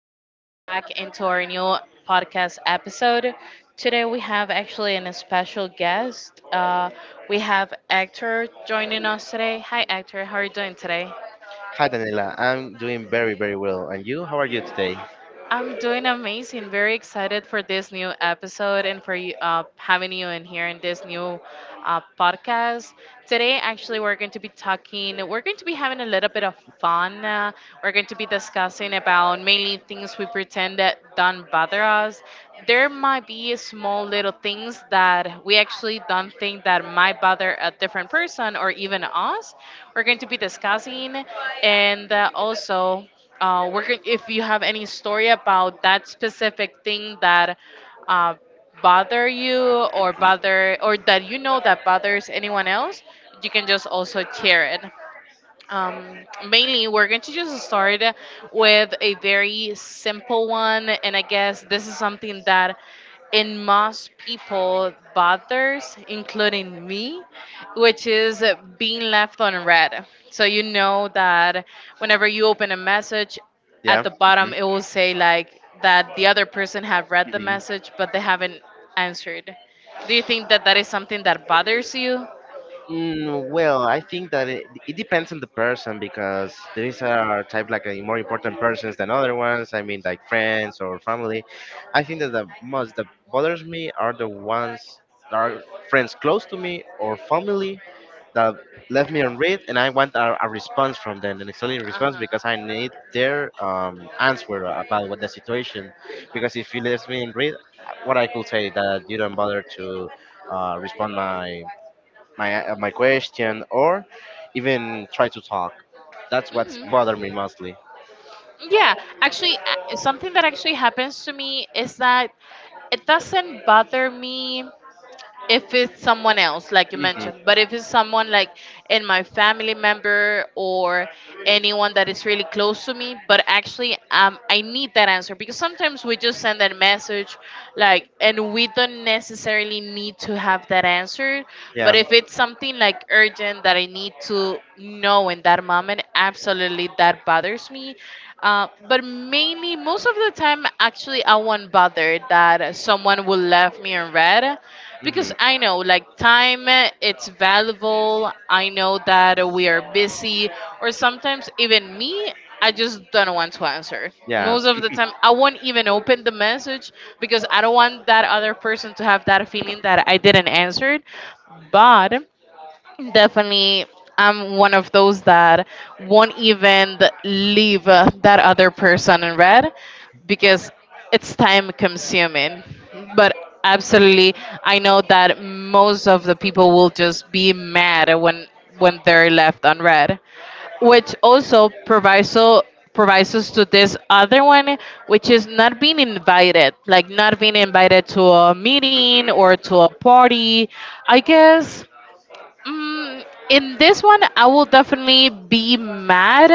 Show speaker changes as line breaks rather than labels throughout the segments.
Daniela back into our new podcast episode. Today, we have actually an special guest. We have Hector joining us today. Hi, Hector. How are you doing today?
Hi Daniela, I'm doing very, very well. And you, how are you today?
I'm doing amazing. Very excited for this new episode and for you, having you in here in this new podcast. Today, actually, we're going to be having a little bit of fun. We're going to be discussing about mainly things we pretend that don't bother us. There might be small little things that we actually don't think that might bother a different person or even us. We're going to be discussing and also if you have any story about that specific thing that uh, bother you or bother or that you know that bothers anyone else, you can just also share it. Um, Mainly, we're going to just start with a very simple one, and I guess this is something that in most people bothers, including me, which is being left on red. So you know that whenever you open a message, at
Yeah.
the
Hmm. Hmm.
bottom it will say like that the other person have read the message but they haven't answered. Do you think that that is something that bothers you?
Well, I think that it depends on the person because there is a type like a more important persons than other ones. I mean, like friends or family. I think that the most that bothers me are the ones that are friends close to me or family that left me on read, and I want a response from them, an excellent response, because I
Uh
need their answer about what the situation. Because if you left me on read, what I could say that you don't bother to respond my my question or even try to talk. That's what's
huh.
bothered me mostly.
Yeah, actually, something that actually happens to me is that it doesn't bother me if it's someone else like you
Hmm.
mentioned, but if it's someone like in my family member or anyone that is really close to me. But actually, I need that answer because sometimes we just send that message like, and we don't necessarily need to have that answer. But
Yeah.
if it's something like urgent that I need to know in that moment, absolutely that bothers me. But mainly, most of the time, actually I won't bother that someone will left me unread because
Hmm.
I know like time, it's valuable. I know that we are busy, or sometimes even me, I just don't want to answer.
Yeah.
Most of the time I won't even open the message because I don't want that other person to have that feeling that I didn't answer it. But definitely, I'm one of those that won't even leave that other person in red because it's time consuming. But absolutely, I know that most of the people will just be mad when they're left on red, which also proviso provides us to this other one, which is not being invited, like not being invited to a meeting or to a party. I guess. In this one, I will definitely be mad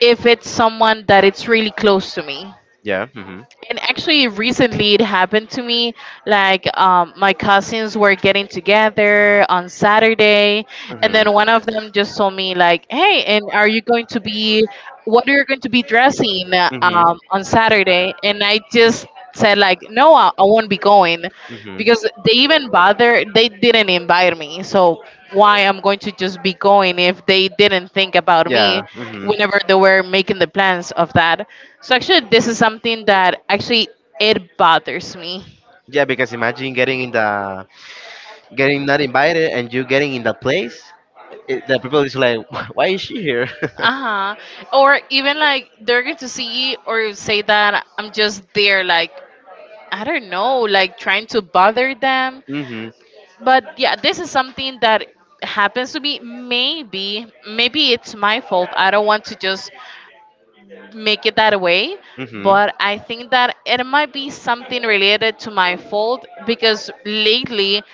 if it's someone that it's really close to me.
Yeah. Hmm. Hmm.
And actually, recently it happened to me. Like, my cousins were getting together on Saturday, and then one of them just told me, like, "Hey, and are you going to be? What are you going to be dressing
Hmm.
on Saturday?" And I just said like no, I won't be going
Hmm.
because they even bother, they didn't invite me. So why I'm going to just be going if they didn't think about
Yeah,
me whenever they were making the plans of that? So actually
hmm
this is something that actually it bothers me.
Yeah, because imagine getting in the getting not invited and you getting in the place. The people is like, "Why is she here?"
Uh-huh. Or even like they're going to see or say that I'm just there like I don't know, like trying to bother them.
Hmm.
But yeah, this is something that happens to me. Maybe it's my fault. I don't want to just make it that way, but I think that it might be something related to my fault because lately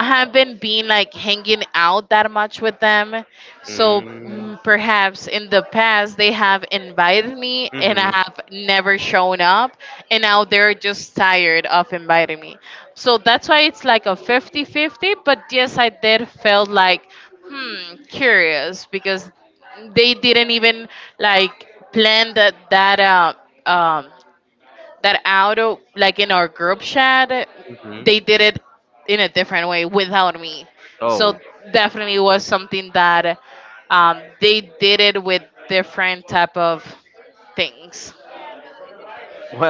I haven't been like hanging out that much with them. So perhaps in the past they have invited me and I have never shown up, and now they're just tired of inviting me. So that's why it's like a fifty-fifty. But yes, I did felt like curious because they didn't even like plan um that out of like in our group chat. They did it in a different way without me, so definitely was something that, they did it with different type of things.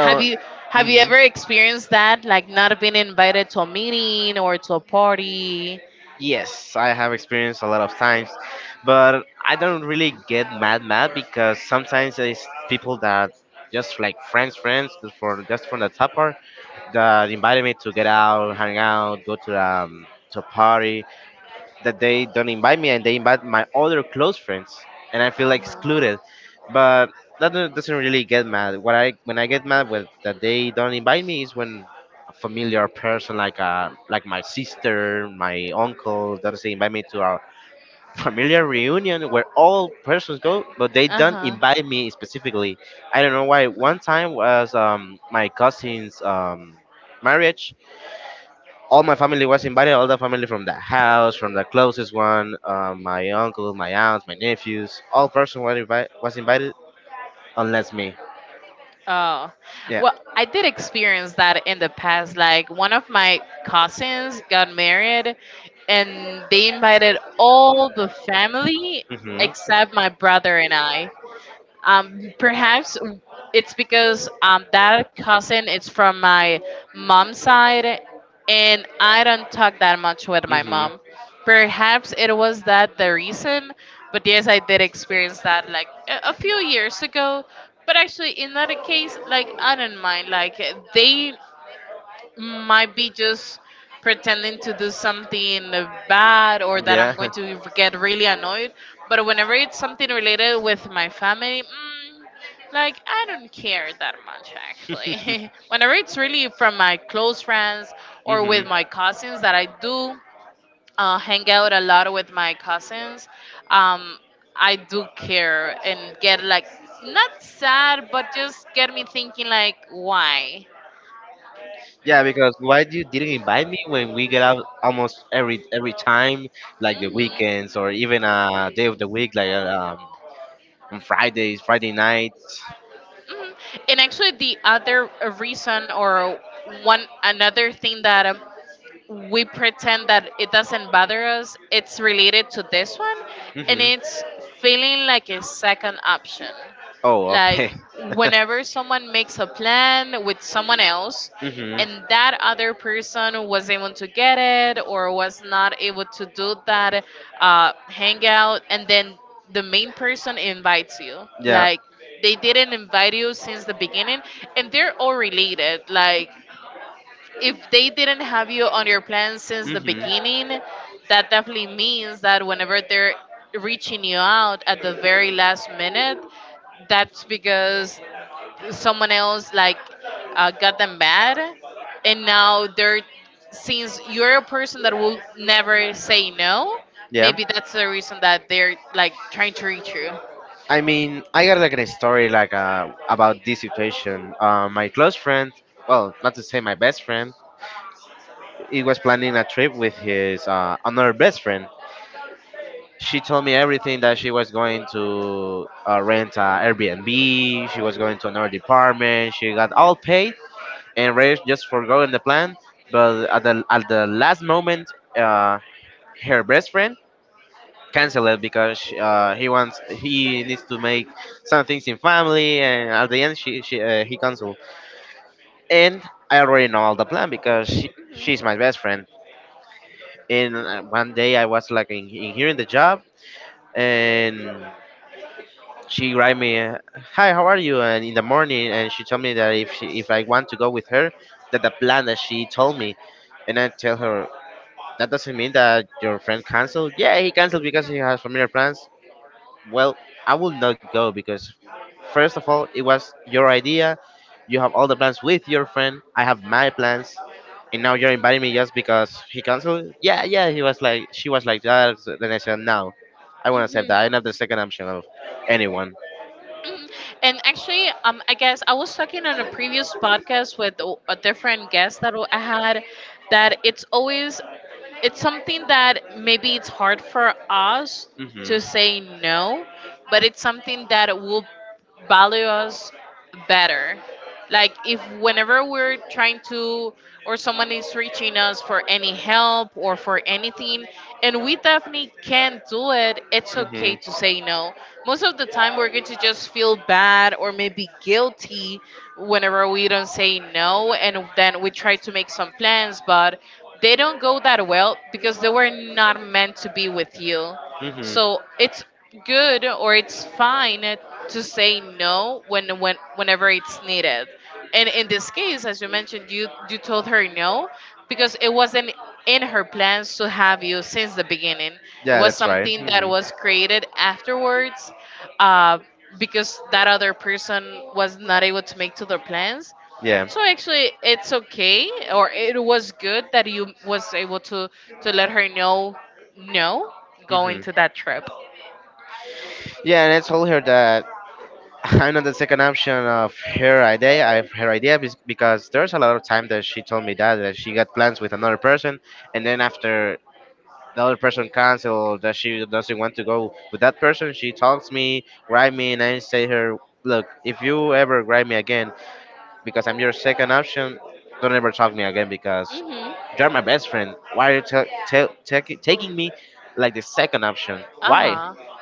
have you have you ever experienced that, like not being invited to a meeting or to a party?
yes, I have experienced a lot of times, but I don't really get mad mad because sometimes it's people that just like friends just from the top part, that invited me to get out, hang out, go to a party, that they don't invite me and they invite my other close friends, and I feel like excluded. But that doesn't really get mad. What I When I get mad with that they don't invite me is when a familiar person like my sister, my uncle doesn't invite me to our familiar reunion where all persons go, but they don't
Uh-huh.
invite me specifically. I don't know why. One time was my cousin's marriage. All my family was invited, all the family from the house, from the closest one, my uncle, my aunt, my nephews. All person were was invited, unless me.
Oh,
Yeah.
well, I did experience that in the past. Like, one of my cousins got married, and they invited all the family
Hmm.
except my brother and I. Perhaps it's because, that cousin is from my mom's side, and I don't talk that much with my
Hmm.
mom. Perhaps it was that the reason, but yes, I did experience that like a few years ago. But actually, in that case, like I don't mind. Like they might be just pretending to do something bad or that I'm going to get really annoyed. But whenever it's something related with my family, like I don't care that much actually. Whenever it's really from my close friends or with my cousins that I do hang out a lot with my cousins, um, I do care and get like not sad, but just get me thinking like why.
Yeah, because why do you didn't invite me when we get out almost every time, like the
Hmm.
weekends or even a day of the week, like on Fridays, Friday nights.
Mhm. And actually, the other reason, or one another thing that we pretend that it doesn't bother us, it's related to this one, and
Hmm.
it's feeling like a second option.
Oh,
Like
okay.
whenever someone makes a plan with someone else,
Hmm.
and that other person was able to get it or was not able to do that hangout, and then the main person invites you.
Yeah.
Like they didn't invite you since the beginning, and they're all related. Like if they didn't have you on your plan since the
Mhm.
beginning, that definitely means that whenever they're reaching you out at the very last minute, that's because someone else like, got them bad, and now they're, since you're a person that will never say no,
Yeah.
maybe that's the reason that they're like trying to reach
I mean, I got like a story like about this situation. My close friend, well, not to say my best friend, he was planning a trip with his another best friend. She told me everything that she was going to rent a Airbnb. She was going to another department. She got all paid and ready just for going the plan. But at the last moment, uh, her best friend canceled it because he needs to make some things in family. And at the end, she he canceled. And I already know all the plan because she's my best friend. And one day I was like in here in the job, and she write me, "Hi, how are you?" And in the morning, and she told me that if I want to go with her, that the plan that she told me. And I tell her that doesn't mean that your friend canceled. Yeah, he canceled because he has familiar plans. Well, I will not go because first of all, it was your idea. You have all the plans with your friend. I have my plans, and now you're inviting me just because he canceled. Yeah, yeah. She was like that. Then I said, no, I won't accept
you.
that. I'm not the second option of anyone.
Mhm. And actually, I guess I was talking on a previous podcast with a different guest that I had, that it's always, it's something that maybe it's hard for us
Hmm.
to say no, but it's something that will value us better. Like if whenever we're trying to, or someone is reaching us for any help or for anything and we definitely can't do it, it's okay
Hmm.
to say no. Most of the time we're going to just feel bad or maybe guilty whenever we don't say no, and then we try to make some plans, but they don't go that well because they were not meant to be with you.
Hmm.
So it's good, or it's fine to say no when, whenever it's needed. And in this case, as you mentioned, you told her no because it wasn't in her plans to have you since the beginning. It
Yeah,
was
that's right.
something that
Hmm.
was created afterwards, uh, because that other person was not able to make to their plans.
Yeah.
So actually, it's okay, or it was good that you was able to let her know no going
Hmm.
to that trip.
Yeah, and I told her that I'm not the second option of her idea. Of her idea because there's a lot of time that she told me that she got plans with another person, and then after the other person canceled that she doesn't want to go with that person, she talks me, write me, and I say her, look, if you ever write me again because I'm your second option. Don't ever talk me again because
Mhm.
you're my best friend. Why are you taking me like the second option?
Uh
Why?
huh.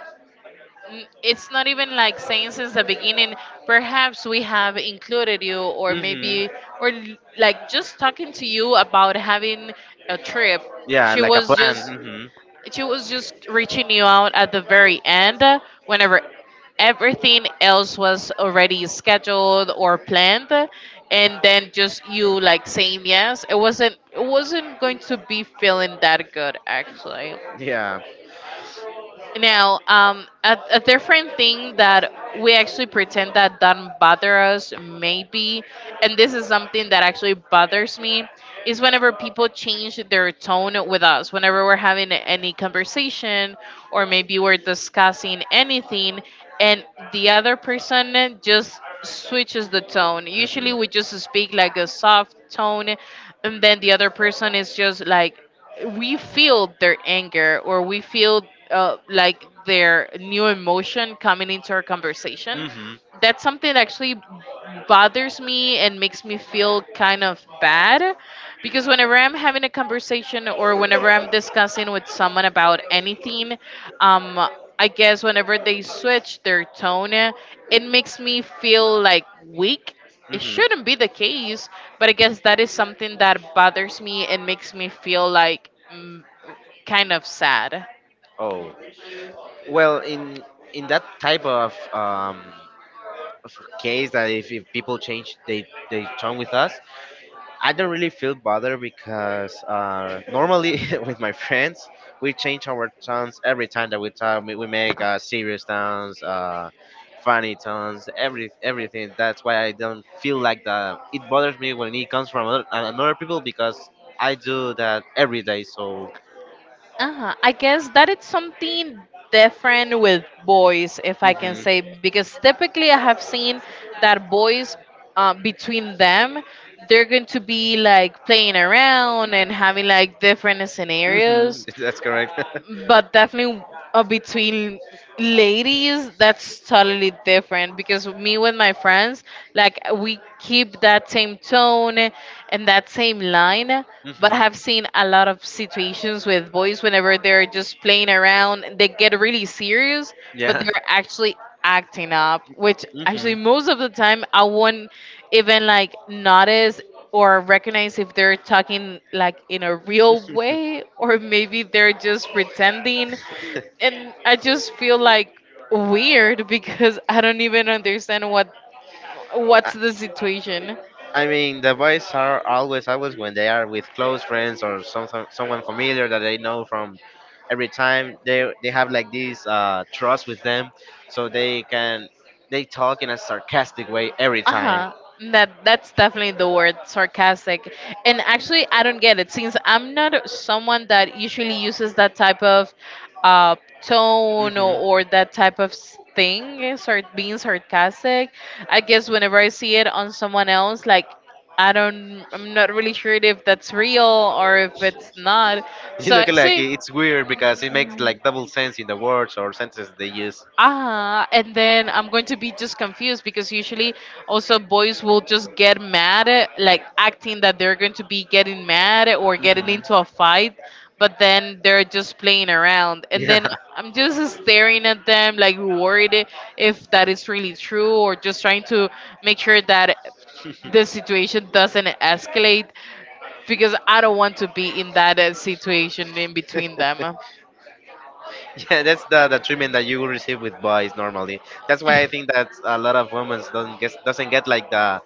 It's not even like saying since the beginning. Perhaps we have included you, or
Hmm.
maybe, like just talking to you about having a trip.
Yeah,
She
like a
was just
plan.
She was just reaching you out at the very end, whenever everything else was already scheduled or planned, and then just you like saying yes. It wasn't going to be feeling that good actually.
Hmm. Yeah.
Now, a different thing that we actually pretend that doesn't bother us, maybe, and this is something that actually bothers me, is whenever people change their tone with us. Whenever we're having any conversation, or maybe we're discussing anything, and the other person just switches the tone.
Mhm.
Usually, we just speak like a soft tone, and then the other person is just like we feel their anger or we feel like their new emotion coming into our conversation.
Mhm.
That's something that actually bothers me and makes me feel kind of bad because whenever I'm
Hmm.
having a conversation or whenever I'm discussing with someone about anything, um, I guess whenever they switch their tone it makes me feel like weak. It shouldn't be the case, but I guess that is something that bothers me and makes me feel like kind of sad.
Oh, well, in that type of case, that if people change they turn with us, I don't really feel bothered because normally with my friends, we change our tones every time that we talk. We make serious tones, funny tones, everything. That's why I don't feel like the it bothers me when it comes from another people because I do that every day. So
Uh-huh, I guess that it's something different with boys, if I can
mhm.
say, because typically I have seen that boys, between them, they're going to be like playing around and having like different
Mhm,
scenarios.
that's correct.
But definitely, between ladies that's totally different because me with my friends, like we keep that same tone and that same line. But I've seen a lot of situations with boys whenever they're just playing around they get really serious, but they're actually acting up, which actually most of the time I won't even like notice or recognize if they're talking like in a real way or maybe they're just pretending. And I just feel like weird because I don't even understand what what's the situation.
I mean, the boys are always always when they are with close friends or someone familiar that they know from every time they have like this trust with them, so they talk in a sarcastic way every time.
Uh-huh, that's definitely the word sarcastic. And actually I don't get it since I'm not someone that usually uses that type of uh tone, or that type of thing, start being sarcastic. I guess
Hmm.
whenever I see it on someone else, like I'm not really sure if that's real or if it's not.
You
So
look like
actually,
it's weird because it makes like double sense in the words or sentences they use.
ah, and then I'm going to be just confused because usually also boys will just get mad at, like acting that they're going to be getting mad or getting
Mhm.
into a fight, but then they're just playing around, and
Yeah,
then I'm just staring at them like worried if that is really true or just trying to make sure that the situation doesn't escalate, because I don't want to be in that situation in between them.
yeah, that's the treatment that you will receive with boys normally. That's why I think that a lot of women don't get doesn't get like the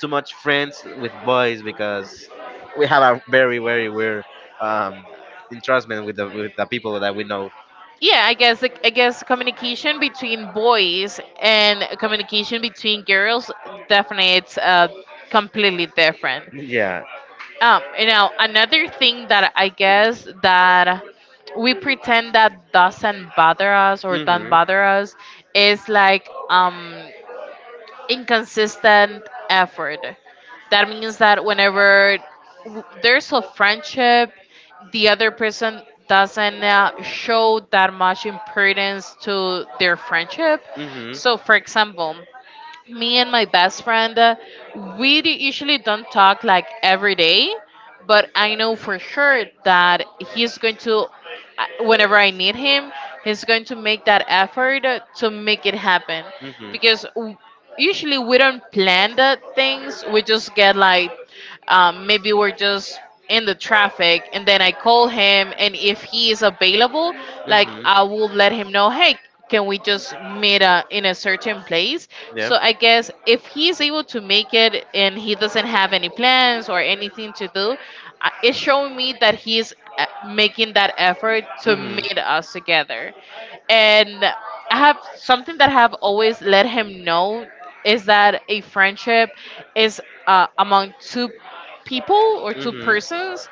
too much friends with boys because we have a very very weird um, entrustment with the people that we know.
Yeah, I guess I guess communication between boys and communication between girls definitely it's completely different.
Yeah.
Um, you know, another thing that I guess that we pretend that doesn't bother us or don't
Hmm.
bother us is like, um, inconsistent effort. That means that whenever there's a friendship, the other person doesn't show that much importance to their friendship. So, for example, me and my best friend, we usually don't talk like every day, but I know for sure that he's going to, whenever I need him, he's going to make that effort to make it happen. Because usually we don't plan the things, we just get like, maybe we're just in the traffic and then I call him, and if he is available, like I will let him know, hey, can we just meet in a certain place? So I guess if he is able to make it and he doesn't have any plans or anything to do, it's showing me that he's making that effort to meet us together. And I have something that I have always let him know, is that a friendship is among two people or two
Hmm.
persons,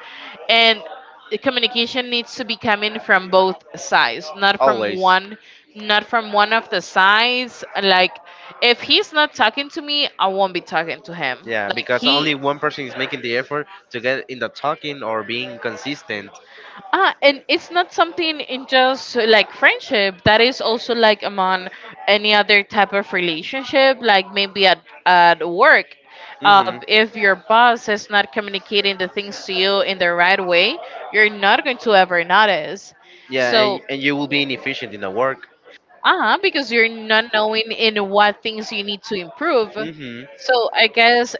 and the communication needs to be coming from both sides, not from
Always.
one, not from one of the sides, like if he's not talking to me I won't be talking to him,
Yeah,
like
because
he
only one person is making the effort to get in the talking or being consistent.
Ah, and it's not something in just like friendship. That is also like among any other type of relationship, like maybe at work.
Hmm.
If your boss is not communicating the things to you in the right way, you're not going to ever notice.
Yeah, and,
So,
and you will be inefficient in the work.
uh, because you're not knowing in what things you need to improve.
Hmm.
So, I guess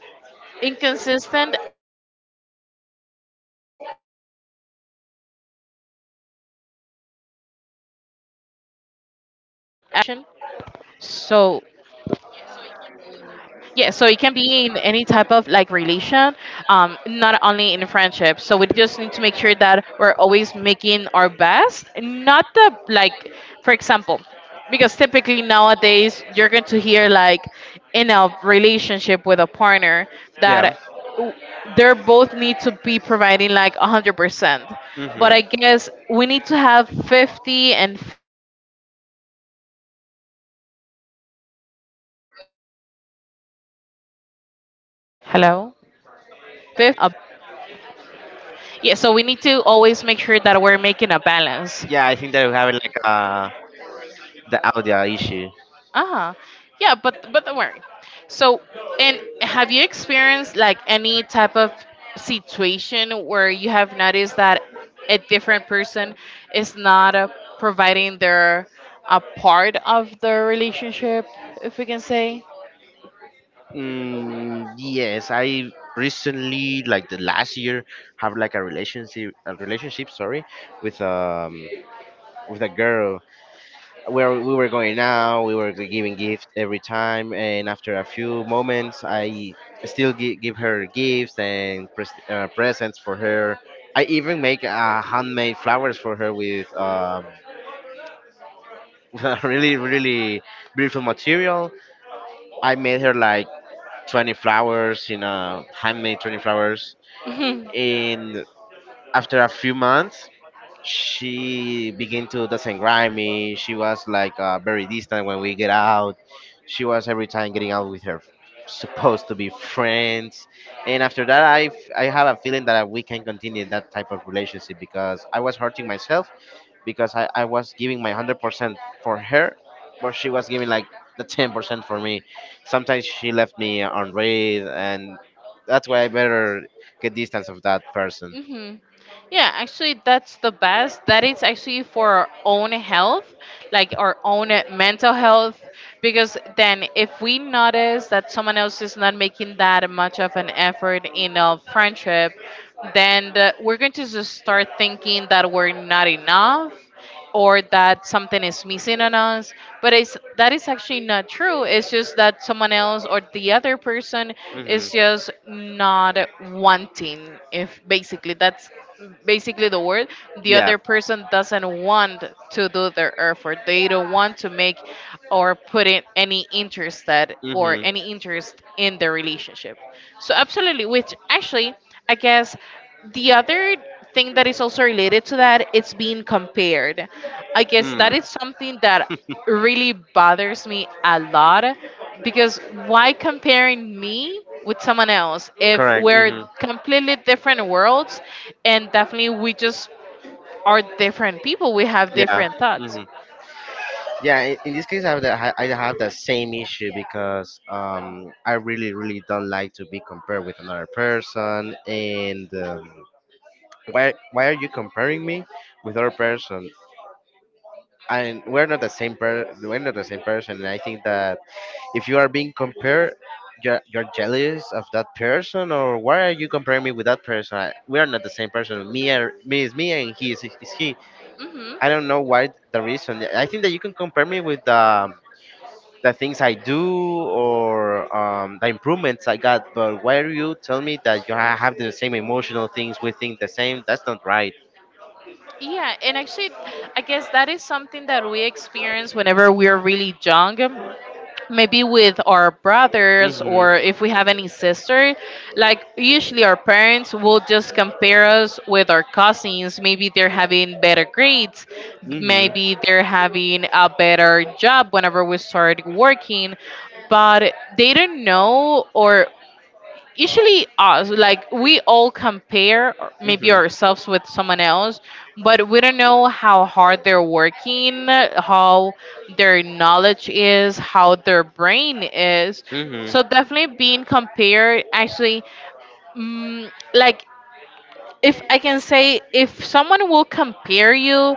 inconsistent effort, it can be related in any type of relation. So,
Hmm.
yeah, so it can be in any type of like relation, not only in friendship. So we just need to make sure that we're always making our best, not the like, for example, because typically nowadays you're going to hear like in a relationship with a partner
Yeah.
that they both need to be providing like 100%,
Hmm.
but I guess we need to have 50 and 50, because we need to just make sure that we're having a balance. Hello? Yeah, so we need to always make sure that we're making a balance.
Yeah, I think that we have like the audio issue.
Uh-huh. Yeah, but don't worry. So, and have you experienced like any type of situation where you have noticed that a different person is not providing their a part of the relationship, if we can say?
Yes, I recently, like the last year, have like a relationship, sorry, with um with a girl, where we were going out, we were giving gifts every time. And after a few moments, I still give her gifts and presents for her. I even make handmade flowers for her with with a really, really beautiful material. I made her like 20 flowers, handmade 20 flowers.
Mhm.
And after a few months, she began to doesn't grind me. She was like very distant when we get out. She was every time getting out with her supposed to be friends. And after that, I have a feeling that we can continue that type of relationship because I was hurting myself because I was giving my 100% for her, but she was giving like the 10% for me. Sometimes she left me on read, and that's why I better get distance of that person.
Mm-hmm. Yeah, actually, that's the best. That is actually for our own health, like our own mental health, because then if we notice that someone else is not making that much of an effort in a friendship, then we're going to just start thinking that we're not enough or that something is missing on us. But it's that is actually not true. It's just that someone else or the other person is just not wanting, if basically that's basically the word, the
Yeah.
other person doesn't want to do their effort. They don't want to make or put in any interest that or
Hmm.
any interest in the relationship. So absolutely, which actually I guess the other thing that is also related to that, it's being compared. I guess that
Mm.
is something that really bothers me a lot, because why comparing me with someone else if
Correct.
we're
Hmm.
completely different worlds, and definitely we just are different people, we have
Yeah.
different thoughts.
Mm-hmm. Yeah, in this case, I have the same issue because I really really don't like to be compared with another person. And why are you comparing me with other person? And we're not the same person. And I think that if you are being compared, you're jealous of that person. Or why are you comparing me with that person? We are not the same person. Me is me, and he is he.
Hmm.
I don't know why the reason. I think that you can compare me with the things I do or the improvements I got. But why do you tell me that you have the same emotional things? We think the same. That's not right.
Yeah, and actually, I guess that is something that we experience whenever we're really young, maybe with our brothers,
Mhm.
or if we have any sister, like usually our parents will just compare us with our cousins. Maybe they're having better grades,
Mhm.
maybe they're having a better job whenever we start working, but they don't know, or usually us like we all compare, or maybe
Mhm.
ourselves with someone else, but we don't know how hard they're working, how their knowledge is, how their brain is.
Mhm.
So definitely being compared actually, like, if I can say, if someone will compare you,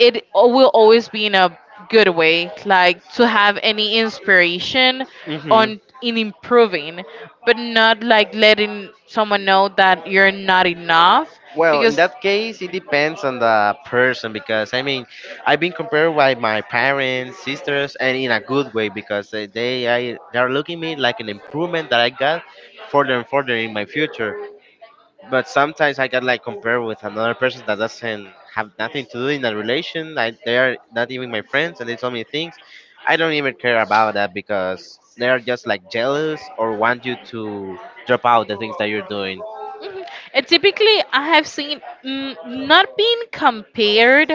it will always be in a good way, like to have any inspiration
Mhm.
on in improving, but not like letting someone know that you're not enough,
Well, in
because.
that case, it depends on the person because I mean, I've been compared by my parents, sisters, and in a good way because they are looking me like an improvement that I got further and further in my future. But sometimes I got like compared with another person that doesn't have nothing to do in that relation. They are not even my friends, and they tell me things. I don't even care about that because they are just like jealous or want you to drop out the things that you're doing.
And typically, I have seen, not being compared,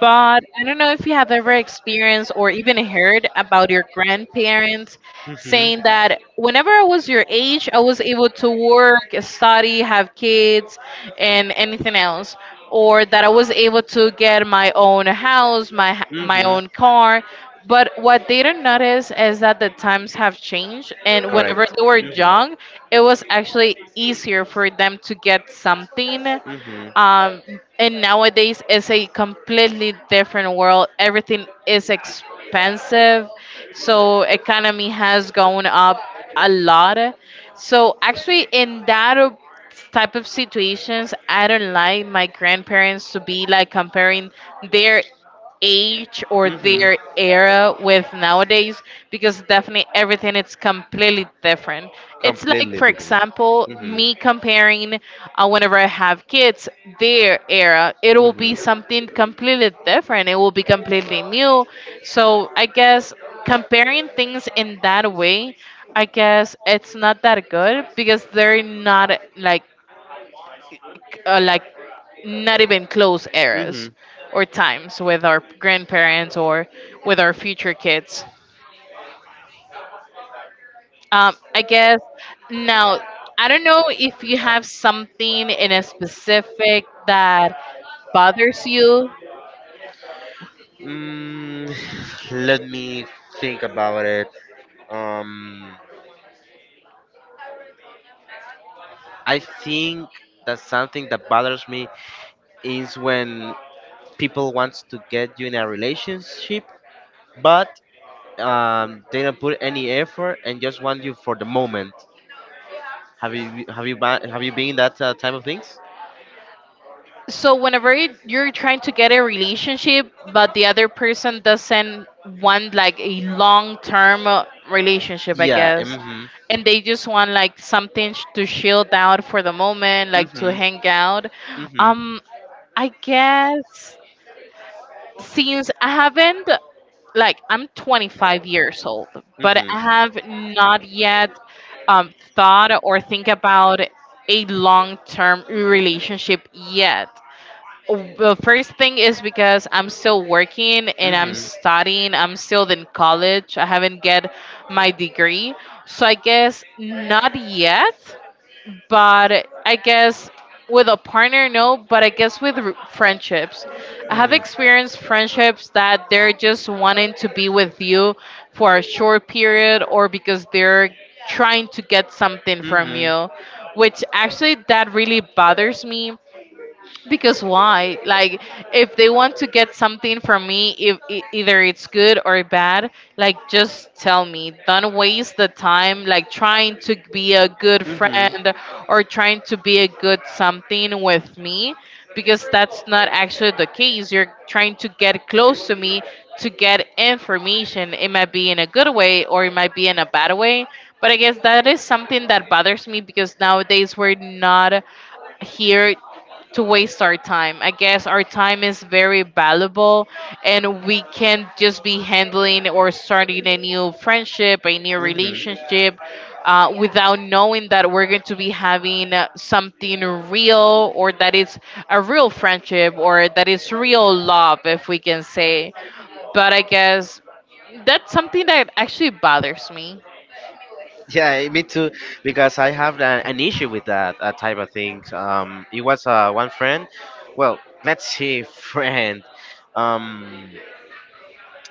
but I don't know if you have ever experienced or even heard about your grandparents
Hmm.
saying that whenever I was your age, I was able to work, study, have kids, and anything else. Or that I was able to get my own house, my my
Hmm.
own car, but what they didn't notice is that the times have changed, and whenever
Correct.
they were young, it was actually easier for them to get something.
Hmm. Hmm.
Um, and nowadays, it's a completely different world. Everything is expensive, so economy has gone up a lot. So actually, in that type of situations, I don't like my grandparents to be like comparing their age or their era with nowadays, because definitely everything is completely different. It's like,
Completely
for
different.
example, me comparing whenever I have kids, their era, it will
Hmm.
be something completely different. It will be completely new. So I guess comparing things in that way, I guess it's not that good because they're not like like not even close
Hmm. Hmm.
eras or times with our grandparents or with our future kids. I guess now I don't know if you have something in a specific that bothers you.
Mm, Let me think about it. Um, I think that something that bothers me is when people want to get you in a relationship, but they don't put any effort and just want you for the moment. Have you been in that type of things?
So whenever you're trying to get a relationship, but the other person doesn't want like a long-term relationship, I
Yeah.
guess,
Mhm.
and they just want like something to shield out for the moment, like to
Mhm.
hang out.
Mhm.
Um, I guess since I haven't, like I'm 25 years old, but
Mhm.
I have not yet, thought or think about a long-term relationship yet. Well, first thing is because I'm still working and I'm studying. I'm still in college. I haven't get my degree. So I guess not yet, but I guess with a
Mhm.
partner no, but I guess with friendships. I have experienced friendships that they're just wanting to be with you for a short period, or because they're trying to get something from you, which actually that really bothers me, because why? Like, if they want to get something from me, if either it's good or bad, like just tell me. Don't waste the time like trying to be a good friend or trying to be a good something with me, because that's not actually the case. You're trying to get close to me to get information. It might be in a good way or it might be in a bad way. But I guess that is something that bothers me because nowadays we're not here to waste our time. I guess our time is very valuable and we can't just be handling or starting a new friendship, a new
Hmm.
relationship, without knowing that we're going to be having something real, or that it's a real friendship, or that it's real love, if we can say. But I guess that's something that actually bothers me.
Yeah, me too, because I have an issue with that type of things. It was one friend, well, let's see, friend. Um,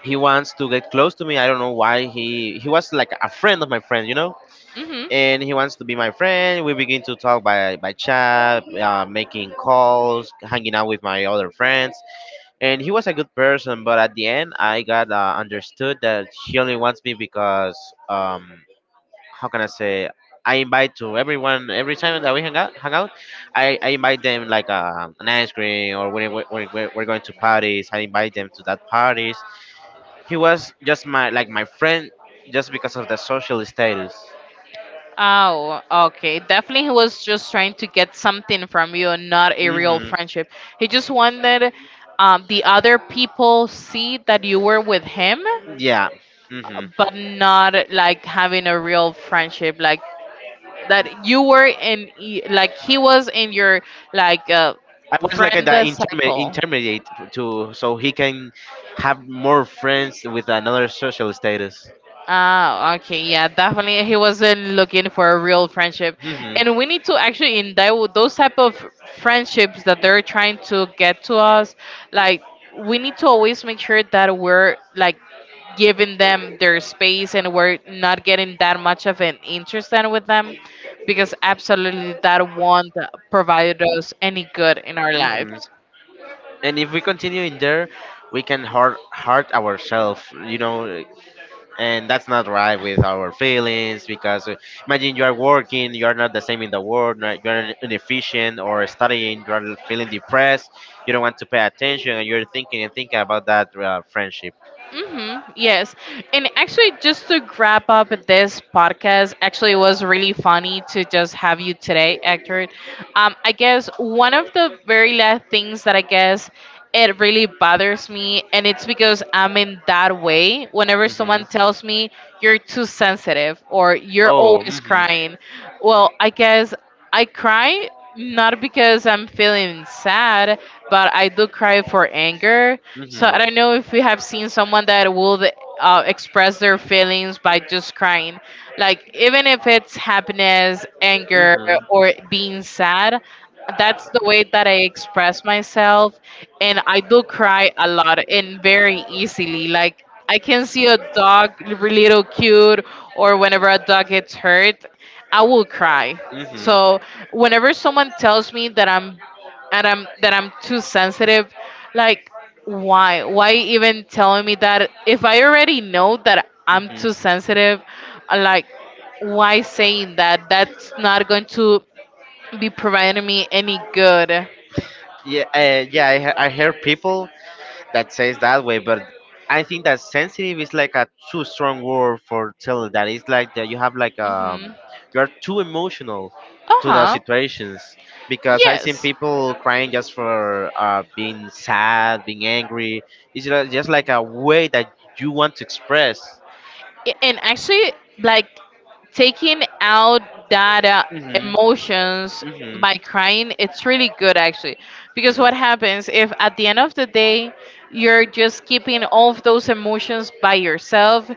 he wants to get close to me. I don't know why. He was like a friend of my friend,
Hmm.
and he wants to be my friend. We begin to talk by chat, making calls, hanging out with my other friends, and he was a good person. But at the end, I got understood that he only wants me because um how can I say, I invite to everyone every time that we hang out. I invite them like an ice cream, or when we're going to parties, I invite them to that parties. He was just my friend just because of the social status.
Oh, okay. Definitely, he was just trying to get something from you, and not a real
Hmm.
friendship. He just wanted, the other people see that you were with him,
Yeah. Hmm.
but not like having a real friendship, like that you were like he was in your like,
I was like the
friend
interme-
cycle.
intermediate to so he can have more friends with another social status.
Ah, okay, yeah, definitely. He wasn't looking for a real friendship,
Hmm.
and we need to actually in that those type of friendships that they're trying to get to us, like we need to always make sure that we're like giving them their space, and we're not getting that much of an interest in with them, because absolutely that won't provide us any good in our
Hmm.
lives.
And if we continue in there, we can hurt ourselves, and that's not right with our feelings because imagine you are working, you are not the same in the world, right? You are inefficient or studying, you are feeling depressed, you don't want to pay attention, and you're thinking and thinking about that friendship.
Mm-hmm. Yes. And actually, just to wrap up this podcast, actually, it was really funny to just have you today, Hector. I guess one of the very last things that I guess it really bothers me, and it's because I'm in that way. Whenever someone tells me you're too sensitive or you're always crying, well, I guess. I cry not because I'm feeling sad, but I do cry for anger. So I don't know if we have seen someone that will express their feelings by just crying. Like even if it's happiness, anger, or being sad, that's the way that I express myself, and I do cry a lot and very easily. Like I can see a dog really little cute, or whenever a dog gets hurt, I will cry.
Hmm. Hmm.
So whenever someone tells me that I'm that I'm too sensitive, like why? Why even telling me that if I already know that I'm too sensitive, like why saying that? That's not going to be providing me any good.
Yeah, yeah. I hear people that says that way, but I think that sensitive is like a too strong word for telling that. It's like that you have like
Mhm.
you are too emotional to the
Uh-huh.
situations because I seen
Yes.
people crying just for being sad, being angry. It's just like a way that you want to express.
And actually, like taking out that
Mhm.
emotions
Mhm.
by crying it's really good actually, because
Mhm.
what happens if at the end of the day you're just keeping all of those emotions by yourself,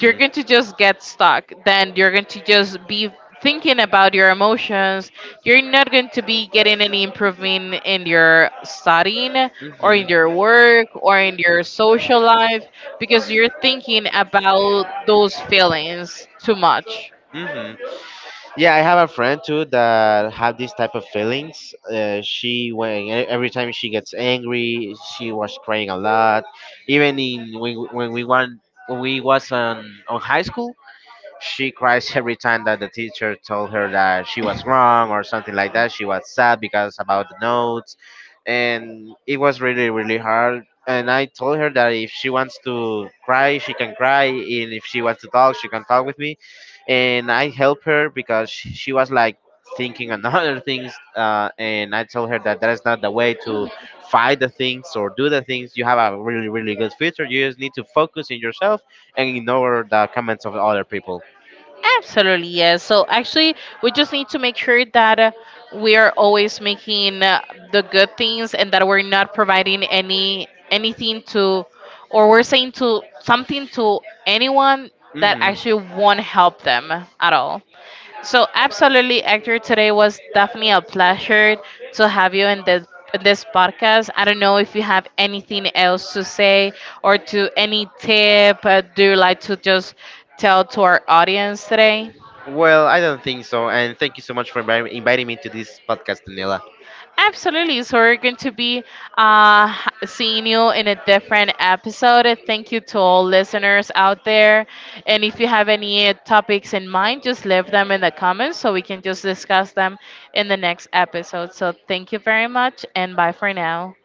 you're going to just get stuck, then you're going to just be thinking about your emotions, you're not going to be getting any improvement in your studying or in your
Hmm.
work or in your social life because you're thinking about those feelings too much.
Hmm. Yeah, I have a friend too that have these type of feelings. Every time she gets angry, she was crying a lot. Even in when we was on high school. She cries every time that the teacher told her that she was wrong or something like that. She was sad because about the notes, and it was really really hard. And I told her that if she wants to cry, she can cry, and if she wants to talk, she can talk with me. And I help her because she was like thinking on other things, and I told her that that is not the way to fight the things or do the things. You have a really really good future. You just need to focus in yourself and ignore the comments of other people.
Absolutely, yes. So actually, we just need to make sure that, we are always making, the good things, and that we're not providing any anything to, or we're saying to something to anyone that
Hmm.
actually won't help them at all. So absolutely, Hector. Today was definitely a pleasure to have you in this, in this podcast. I don't know if you have anything else to say or to any tip. Do you like to just tell to our audience today?
Well, I don't think so. And thank you so much for inviting me to this podcast, Daniela.
Absolutely. So we're going to be uh, seeing you in a different episode. Thank you to all listeners out there. And if you have any topics in mind, just leave them in the comments so we can just discuss them in the next episode. So thank you very much and bye for now.